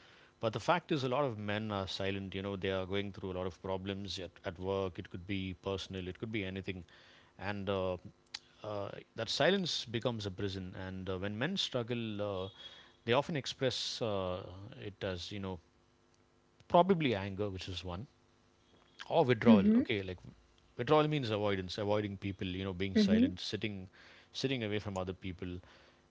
B: But the fact is, a lot of men are silent. You know, they are going through a lot of problems at work. It could be personal, it could be anything, and uh, that silence becomes a prison. And when men struggle, they often express it as, you know, probably anger, which is one, or withdrawal.
A: Mm-hmm.
B: Okay, like withdrawal means avoidance, avoiding people, you know, being
A: Mm-hmm.
B: silent, sitting away from other people,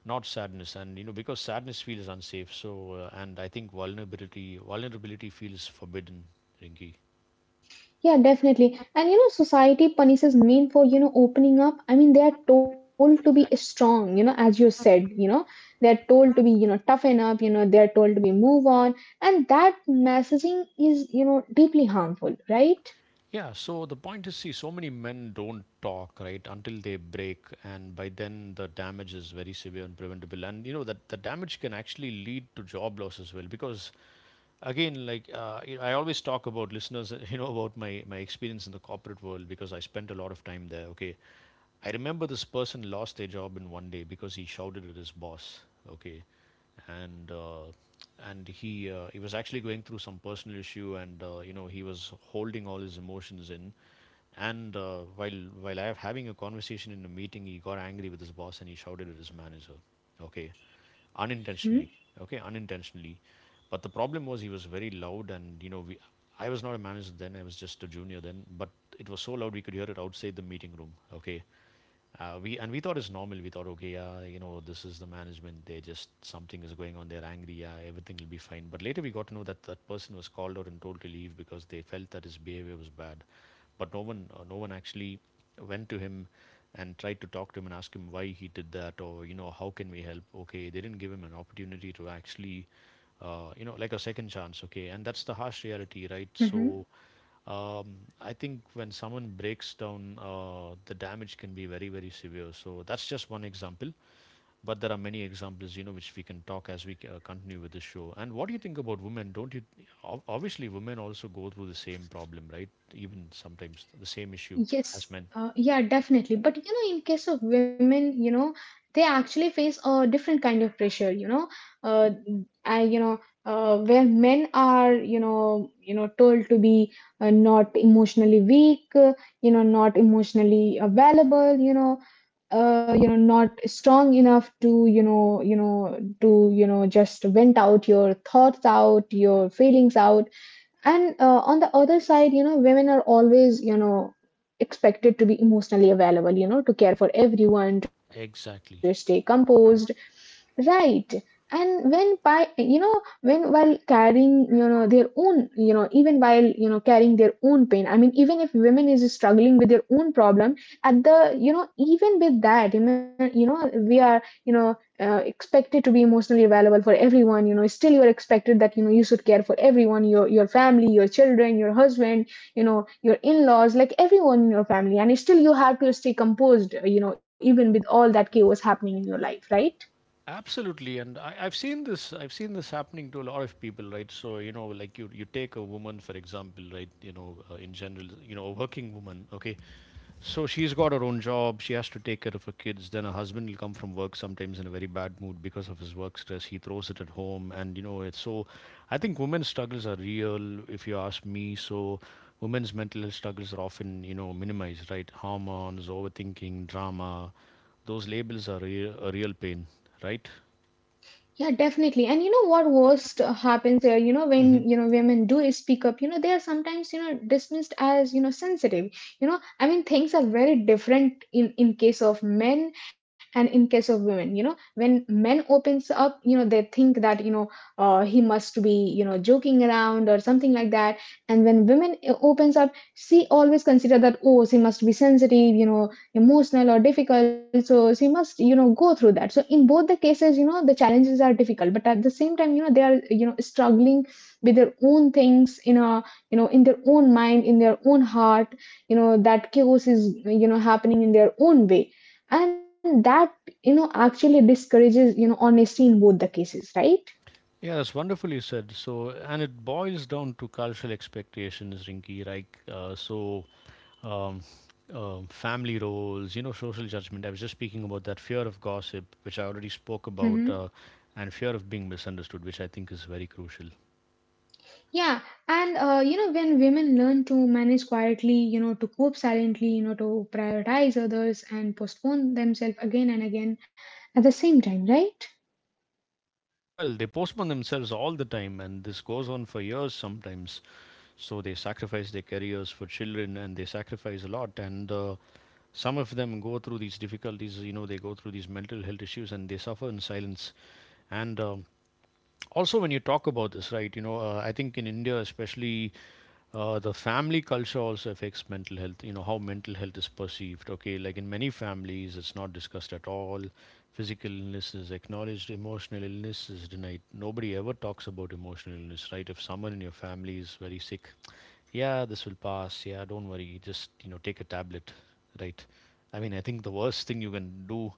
B: not sadness. And you know, because sadness feels unsafe, so and I think vulnerability feels forbidden, Rinki.
A: Yeah, definitely, and society punishes men for opening up. I mean they are told to be
B: Exactly.
A: strong, as you said, they are told to be, toughen up, they are told to be move on, and that messaging is deeply harmful, right?
B: Yeah, so the point is, see, so many men don't talk, right, until they break, and by then the damage is very severe and preventable. And you know that the damage can actually lead to job loss as well, because again, like you know, I always talk about listeners you know, about my experience in the corporate world, because I spent a lot of time there, okay. I remember this person lost their job in one day because he shouted at his boss, okay. And he was actually going through some personal issue, and you know, he was holding all his emotions in. And while I was having a conversation in a meeting, he got angry with his boss and he shouted at his manager, okay, unintentionally, okay, unintentionally. But the problem was, he was very loud, and you know we I was not a manager then, I was just a junior then, but it was so loud we could hear it outside the meeting room, okay. We And we thought it's normal. We thought, okay, yeah, you know, this is the management, they just, something is going on, they're angry, yeah, everything will be fine. But later we got to know that that person was called out and told to leave because they felt that his behavior was bad. But no one, no one actually went to him and tried to talk to him and ask him why he did that, or you know, how can we help. Okay, they didn't give him an opportunity to actually, you know, like a second chance, okay, and that's the harsh reality, right?
A: Mm-hmm.
B: So um, I think when someone breaks down, the damage Can be very severe, so that's just one example. But there are many examples, you know, which we can talk as we continue with the show. And what do you think about women? Don't you obviously women also go through the same problem, right? Even sometimes the same issue
A: Yes,
B: as men.
A: yeah, definitely. But in case of women, they actually face a different kind of pressure. Uh, I, you know, where men are, told to be not emotionally weak, not emotionally available, not strong enough to, to, just vent out your thoughts out, your feelings out, and on the other side, women are always, expected to be emotionally available, to care for everyone, to stay
B: Exactly.
A: composed, right? And when by, when while carrying, their own, even while, carrying their own pain, I mean, even if women is struggling with their own problem, at the, even with that, we are, expected to be emotionally available for everyone. Still you are expected that you should care for everyone, your family, your children, your husband, your in-laws, like everyone in your family, and still you have to stay composed, even with all that chaos happening in your life, right?
B: Absolutely. And I've seen this, happening to a lot of people, right? So, you know, like you take a woman, for example, right? You know, in general, you know, a working woman, okay? So she's got her own job, she has to take care of her kids, then her husband will come from work sometimes in a very bad mood because of his work stress. He throws it at home, and you know, it's so, I think women's struggles are real, if you ask me. So women's mental health struggles are often, you know, minimized, right? Hormones, overthinking, drama. Those labels are a real pain, right?
A: Yeah, definitely. And what worst happens there,
B: Hmm.
A: when, women do speak up, they are sometimes, dismissed as, sensitive. I mean, things are very different in case of men and in case of women, when men opens up, they think that, he must be, joking around or something like that. And when women opens up, she always consider that, oh, she must be sensitive, emotional or difficult, so she must go through that. So in both the cases, the challenges are difficult, but at the same time, they are struggling with their own things in a in their own mind, in their own heart, that chaos is happening in their own way, and that actually discourages honesty in both the cases, right?
B: Yeah, that's wonderfully said. So, and it boils down to cultural expectations, Rinky, right? Um, family roles, you know, social judgment. I was just speaking about that fear of gossip, which I already spoke about, and fear of being misunderstood, which I think is very crucial.
A: Yeah, and when women learn to manage quietly, to cope silently, to prioritize others and postpone themselves again and again at the same time, right?
B: Well, they postpone themselves all the time, and this goes on for years sometimes. So they sacrifice their careers for children, and they sacrifice a lot. And some of them go through these difficulties, you know, they go through these mental health issues and they suffer in silence. And Also, when you talk about this, right, you know, I think in India, especially the family culture also affects mental health, you know, how mental health is perceived. Okay, like in many families, it's not discussed at all. Physical illness is acknowledged, emotional illness is denied. Nobody ever talks about emotional illness, right? If someone in your family is very sick, yeah, this will pass. Yeah, don't worry, just, you know, take a tablet, right? I mean, I think the worst thing you can do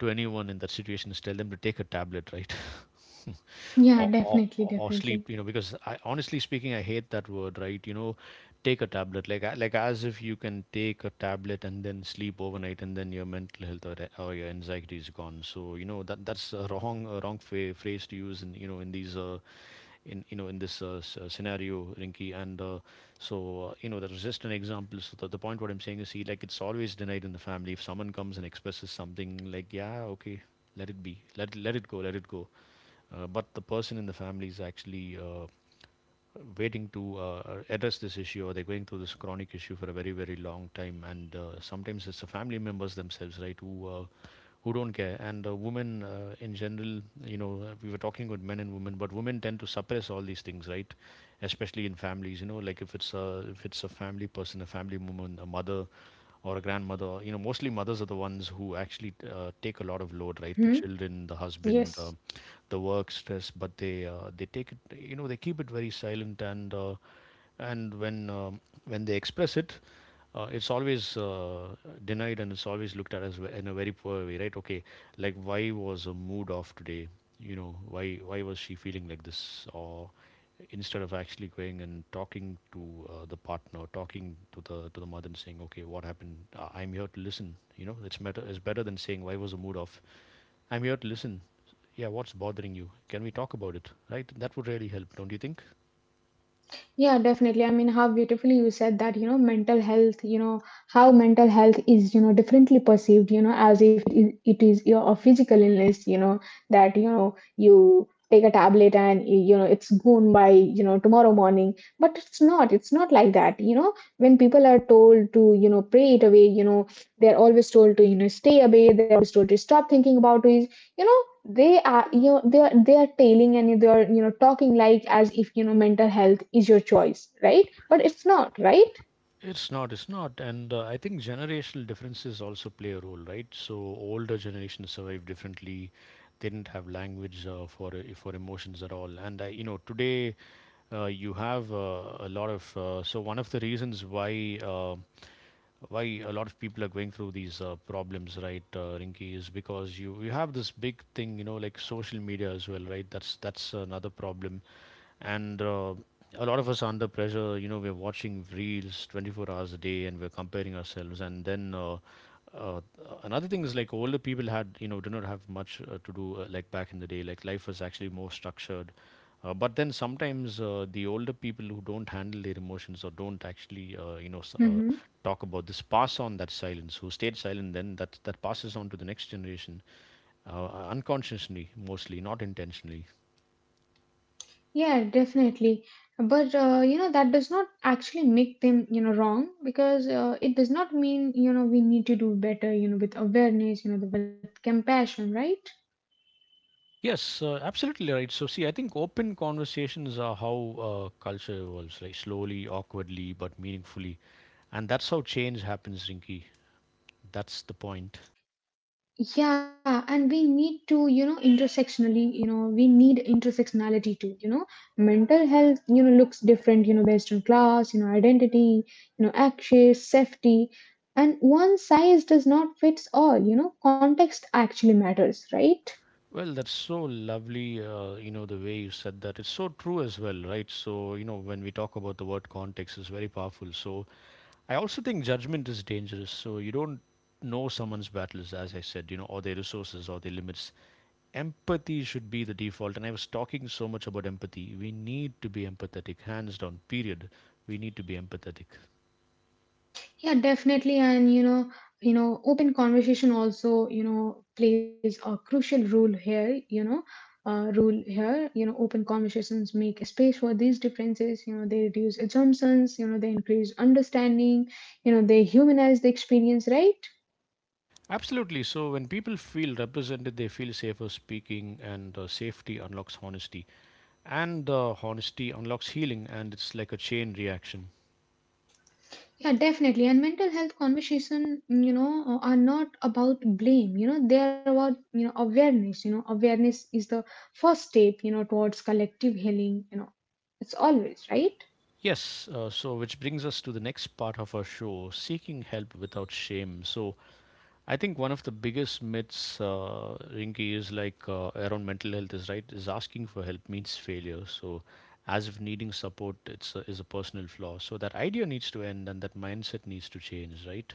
B: to anyone in that situation is tell them to take a tablet, right? or,
A: Yeah,
B: or,
A: definitely,
B: or sleep, you know,
A: definitely.
B: because I, honestly speaking, I hate that word, right? You know, take a tablet like, as if you can take a tablet and then sleep overnight and then your mental health or your anxiety is gone. So you know that's a wrong, a wrong phrase to use in, you know, in these in you know in this s- scenario, Rinky. And you know, that was just an example. So the point what I'm saying is, see, like, it's always denied in the family. If someone comes and expresses something like, yeah, okay, let it be, let it go, but the person in the family is actually waiting to address this issue, or they're going through this chronic issue for a very long time. And sometimes it's the family members themselves, right, who don't care. And women, in general, you know, we were talking about men and women, but women tend to suppress all these things, right? Especially in families, you know, like if it's a, family person, a family woman, a mother, or a grandmother. You know, mostly mothers are the ones who actually take a lot of load, right? The
A: Hmm?
B: children, the husband,
A: Yes.
B: the work stress, but they take it. You know, they keep it very silent. And when they express it, it's always denied, and it's always looked at as in a very poor way, right? Okay, like, why was a mood off today? You know, why was she feeling like this? Or instead of actually going and talking to the partner, talking to the, mother, and saying, okay, what happened? I'm here to listen. You know, it's better, than saying, why was the mood off? I'm here to listen. Yeah, what's bothering you? Can we talk about it, right? That would really help, don't you think?
A: Yeah, definitely. I mean, how beautifully you said that, mental health, how mental health is, differently perceived, as if it is your a physical illness, that, you take a tablet and, it's gone by, tomorrow morning. But it's not like that, when people are told to, pray it away, they're always told to, stay away, they're always told to stop thinking about it, you know, they are, they are tailing and they are, talking like as if, mental health is your choice choice, right? But it's not, right?
B: It's not, it's not. And I think generational differences also play a role, right? So older generations survive differently. They didn't have language for emotions at all. And I, you know, today you have a lot of. So one of the reasons why, why a lot of people are going through these problems, right, Rinky, is because you have this big thing, you know, like social media as well, right? That's another problem. And a lot of us are under pressure. You know, we're watching reels 24 hours a day, and we're comparing ourselves. And then. Uh, Another thing is like older people had, you know, did not have much to do, like back in the day, like life was actually more structured. But then sometimes the older people who don't handle their emotions or don't actually,
A: Hmm.
B: talk about this, pass on that silence. Who stayed silent, then that passes on to the next generation, uh, unconsciously, mostly, not intentionally.
A: Yeah, definitely. But that does not actually make them wrong, because it does not mean we need to do better with awareness, with compassion, right?
B: Yes, absolutely right. So, see, I think open conversations are how culture evolves, like slowly, awkwardly, but meaningfully, and that's how change happens, Rinky. That's the point.
A: Yeah, and we need to intersectionally, we need intersectionality too, mental health looks different, based on class, identity, access, safety, and one size does not fits all, context actually matters, right?
B: Well, that's so lovely, you know, the way you said that. It's so true as well, right? So, you know, when we talk about the word context, it's very powerful. So I also think judgment is dangerous. So you don't know someone's battles, as I said, you know, or their resources or their limits. Empathy should be the default. And I was talking so much about empathy. We need to be empathetic, hands down, period. We need to be empathetic.
A: Yeah, definitely. And open conversation also, plays a crucial role here, rule here. Open conversations make a space for these differences, they reduce assumptions, they increase understanding, they humanize the experience, right?
B: Absolutely. So when people feel represented, they feel safer speaking, and safety unlocks honesty. And the honesty unlocks healing, and it's like a chain reaction.
A: Yeah, definitely. And mental health conversation, are not about blame, they are about, awareness, awareness is the first step, towards collective healing, it's always, right?
B: Yes, so which brings us to the next part of our show, seeking help without shame. So I think one of the biggest myths, Rinky, is like around mental health is, right, is asking for help means failure. So as if needing support it's a, is a personal flaw. So that idea needs to end and that mindset needs to change, right?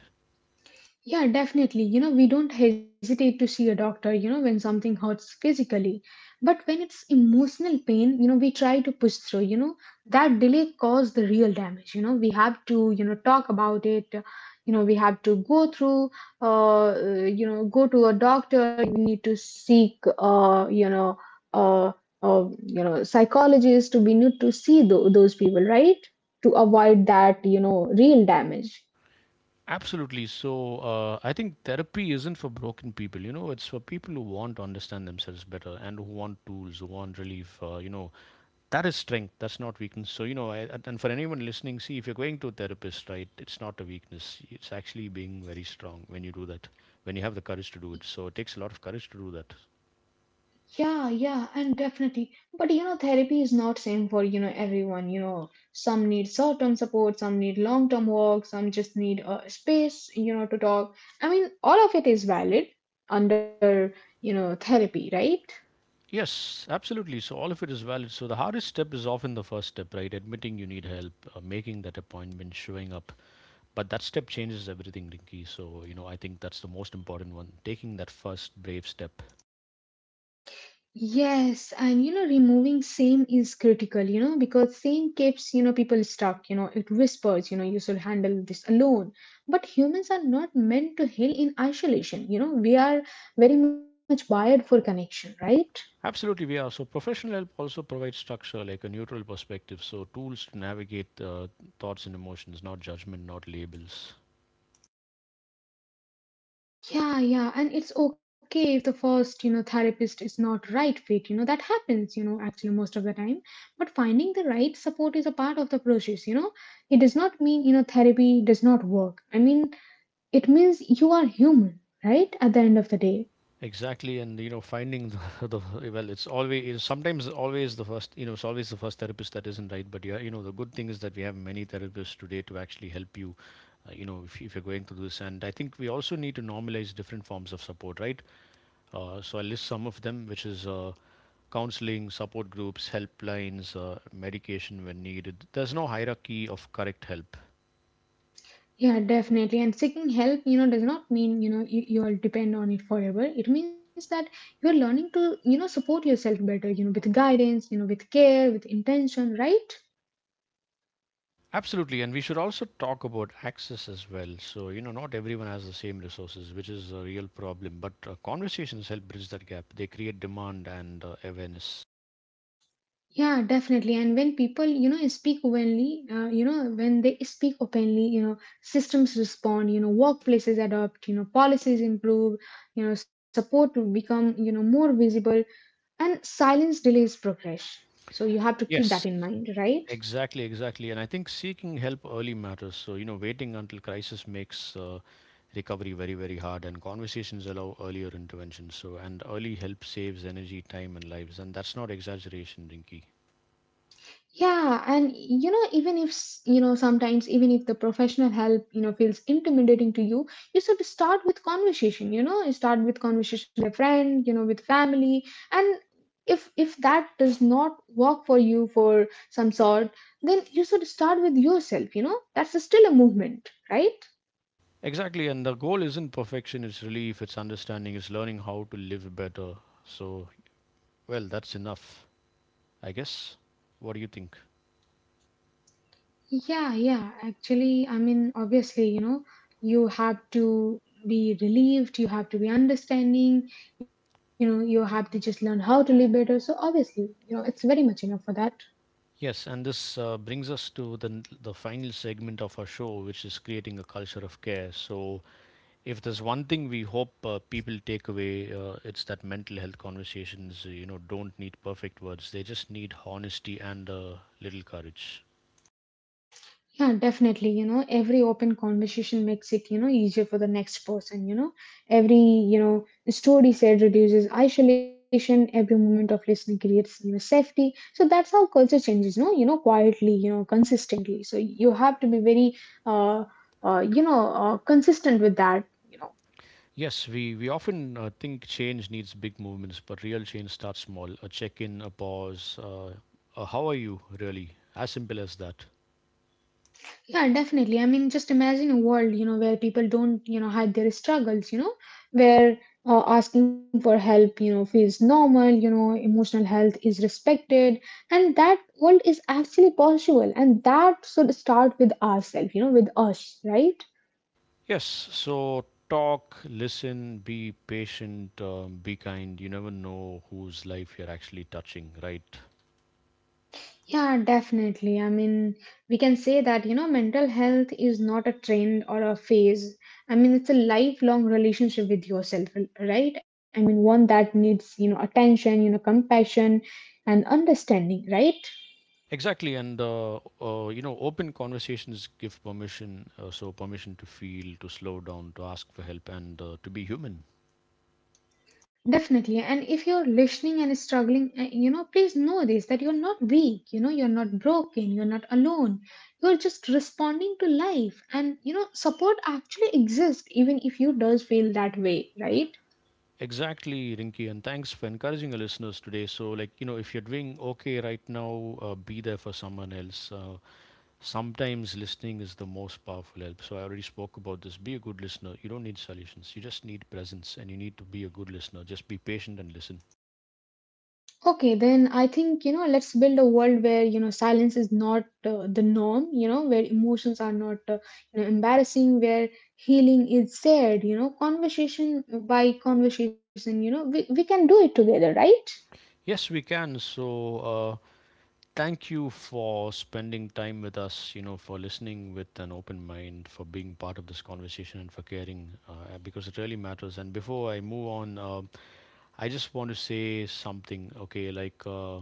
A: Yeah, definitely. We don't hesitate to see a doctor, when something hurts physically. But when it's emotional pain, you know, we try to push through, that delay caused the real damage. We have to, talk about it. You know, we have to go through, go to a doctor. We need to seek, uh, psychologist. We need to see those people, right? To avoid that, you know, real damage.
B: Absolutely. So I think therapy isn't for broken people. You know, it's for people who want to understand themselves better and who want tools, who want relief. You know, that is strength. That's not weakness. So you know, I, and for anyone listening, see, if you're going to a therapist, right? It's not a weakness. It's actually being very strong when you do that. When you have the courage to do it. So it takes a lot of courage to do that.
A: Yeah, and definitely. But you know, therapy is not same for everyone. You know, some need short-term support, some need long-term work, some just need space. You know, to talk. I mean, all of it is valid under therapy, right?
B: Yes, absolutely. So all of it is valid. So the hardest step is often the first step, right? Admitting you need help, making that appointment, showing up. But that step changes everything, Rinky. So, you know, I think that's the most important one, taking that first brave step.
A: Yes, and you know, removing shame is critical. You know, because shame keeps people stuck. You know, it whispers. You know, you should handle this alone. But humans are not meant to heal in isolation. You know, we are very much wired for connection, right?
B: Absolutely, we are. So professional help also provides structure, like a neutral perspective. So tools to navigate thoughts and emotions, not judgment, not labels.
A: Yeah, and it's okay if the first, you know, therapist is not right fit, you know, that happens, you know, actually most of the time. But finding the right support is a part of the process. It does not mean, you know, therapy does not work. I mean, it means you are human, right? At the end of the day.
B: Exactly, and you know, finding the, the, well, it's always, it's always the first therapist that isn't right. But yeah, you know, the good thing is that we have many therapists today to actually help you, you know, if, you're going through this. And I think we also need to normalize different forms of support, right? So I'll list some of them, which is counseling, support groups, helplines, medication when needed. There's no hierarchy of correct help.
A: Yeah, definitely. And seeking help, you know, does not mean, you'll depend on it forever. It means that you're learning to, you know, support yourself better, you know, with guidance, you know, with care, with intention, right?
B: Absolutely, and we should also talk about access as well. So, you know, not everyone has the same resources, which is a real problem, but conversations help bridge that gap. They create demand and awareness.
A: Yeah, definitely. And when people, you know, speak openly, when they speak openly, you know, systems respond, you know, workplaces adopt, you know, policies improve, you know, support to become, you know, more visible, and silence delays progress. So you have to keep that
B: Yes.
A: in mind, right?
B: Exactly, exactly. And I think seeking help early matters. So, you know, waiting until crisis makes recovery very hard, and conversations allow earlier intervention. So, and early help saves energy, time, and lives. And that's not exaggeration, Rinky.
A: Yeah, and you know, even if you know, sometimes even if the professional help, you know, feels intimidating to you, you should start with conversation. You know, you start with conversation with a friend, you know, with family, and if that does not work for you for some sort, then you should start with yourself. You know, that's still a movement, right?
B: Exactly. And the goal isn't perfection, it's relief, it's understanding, it's learning how to live better. So, well, that's enough, I guess. What do you think?
A: Yeah. Actually, I mean, obviously, you know, you have to be relieved, you have to be understanding, you know, you have to just learn how to live better. So, obviously, you know, it's very much enough for that.
B: Yes, and this brings us to the, the final segment of our show, which is creating a culture of care. So if there's one thing we hope people take away, it's that mental health conversations, you know, don't need perfect words, they just need honesty and a little courage.
A: Yeah, definitely. You know, every open conversation makes it, you know, easier for the next person. Every, Story said reduces isolation. Every moment of listening creates, you know, safety. So that's how culture changes, no? You know, quietly, you know, consistently. So you have to be very, uh, consistent with that. You know,
B: Yes, we often think change needs big movements, but real change starts small. A check in a pause, a how are you really, as simple as that.
A: yeah, definitely. I mean, just imagine a world, you know, where people don't, you know, hide their struggles. You know, where asking for help, you know, feels normal, you know, emotional health is respected, and that world is actually possible, and that should start with ourselves, you know, with us, right?
B: Yes, so talk, listen, be patient, be kind. You never know whose life you're actually touching, right?
A: Yeah, definitely. I mean, we can say that, you know, mental health is not a trend or a phase. I mean, it's a lifelong relationship with yourself, right? I mean, one that needs, you know, attention, you know, compassion, and understanding, right?
B: Exactly, and you know, open conversations give permission, so permission to feel, to slow down, to ask for help, and to be human.
A: Definitely. And if you're listening and struggling, you know, please know this that you're not weak, you know, you're not broken, you're not alone. You're just responding to life. And, you know, support actually exists even if you does feel that way, right?
B: Exactly, Rinky, and thanks for encouraging our listeners today. So, like, you know, if you're doing okay right now, be there for someone else. Sometimes listening is the most powerful help. So I already spoke about this. Be a good listener. You don't need solutions, you just need presence, and you need to be a good listener. Just be patient and listen.
A: Okay, then I think, you know, let's build a world where, you know, silence is not the norm, you know, where emotions are not, you know, embarrassing, where healing is shared, you know, conversation by conversation, we can do it together, right?
B: Yes, we can. So, thank you for spending time with us, you know, for listening with an open mind, for being part of this conversation, and for caring, because it really matters. And before I move on, I just want to say something, okay? Like,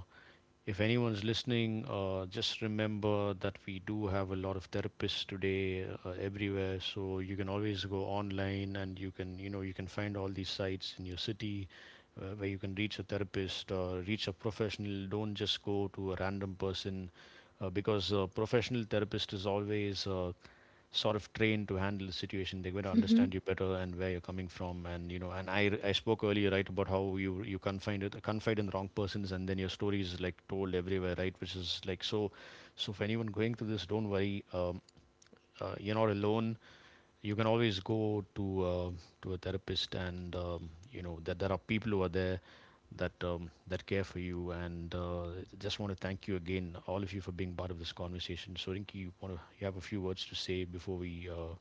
B: if anyone's listening, just remember that we do have a lot of therapists today everywhere. So you can always go online and you can, you know, you can find all these sites in your city where you can reach a therapist or reach a professional. Don't just go to a random person because a professional therapist is always sort of trained to handle the situation. They're going to understand you
A: Mhm.
B: better and where you're coming from. And you know, and I spoke earlier, right, about how you confide it, confide in the wrong persons, and then your story is like told everywhere, right? Which is like, so, so for anyone going through this, don't worry, you're not alone. You can always go to a therapist, and you know that there are people who are there, that care for you. And Just want to thank you again, all of you, for being part of this conversation. So Rinki, you want to, you have a few words to say before we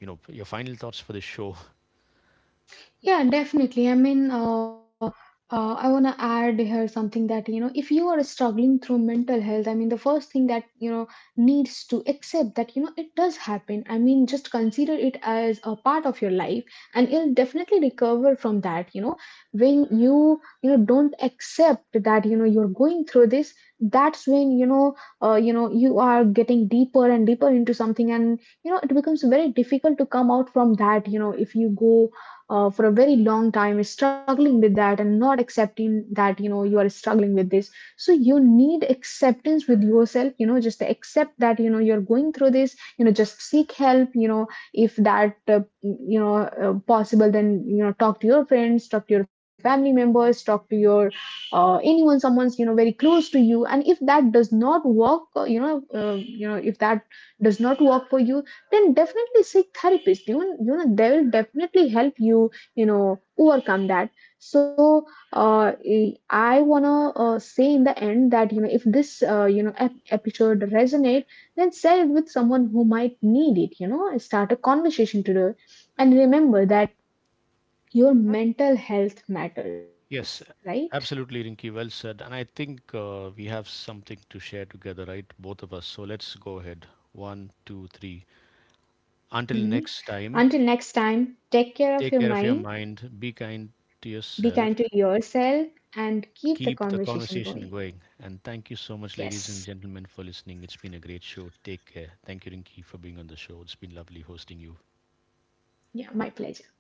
B: you know, your final thoughts for this show.
A: Yeah, definitely. I want to add here something that, you know, if you are struggling through mental health, I mean, the first thing that, you know, needs to accept that, you know, it does happen. I mean, just consider it as a part of your life, and you'll definitely recover from that, you know. When you know, don't accept that, you know, you're going through this, that's when, you know, you are getting deeper and deeper into something, and, you know, it becomes very difficult to come out from that, you know, if you go for a very long time is struggling with that and not accepting that, you know, you are struggling with this. So you need acceptance with yourself, you know, just accept that, you know, you're going through this, you know, just seek help, you know, if that you know, possible, then you know talk to your friends, talk to your family members, talk to your anyone, someone's, you know, very close to you. And if that does not work, you know, if that does not work for you, then definitely seek therapist. You know, they will definitely help you, you know, overcome that. So, I wanna say in the end that, you know, if this, you know, episode resonate, then share it with someone who might need it. You know, start a conversation today, and remember that your mental health matters,
B: Yes,
A: right?
B: absolutely, Rinky. Well said. And I think we have something to share together, right? Both of us. So let's go ahead. One, two, three. Until
A: Mhm.
B: next time,
A: Until next time, take care of
B: take
A: your
B: care of your
A: mind,
B: mind. Be kind to
A: be kind to
B: yourself.
A: yourself, and keep the
B: Keep the
A: conversation going.
B: conversation going. And thank you so much, ladies
A: Yes.
B: and gentlemen, for listening. It's been a great show. Take care. Thank you, Rinky, for being on the show. It's been lovely hosting you.
A: Yeah, my pleasure.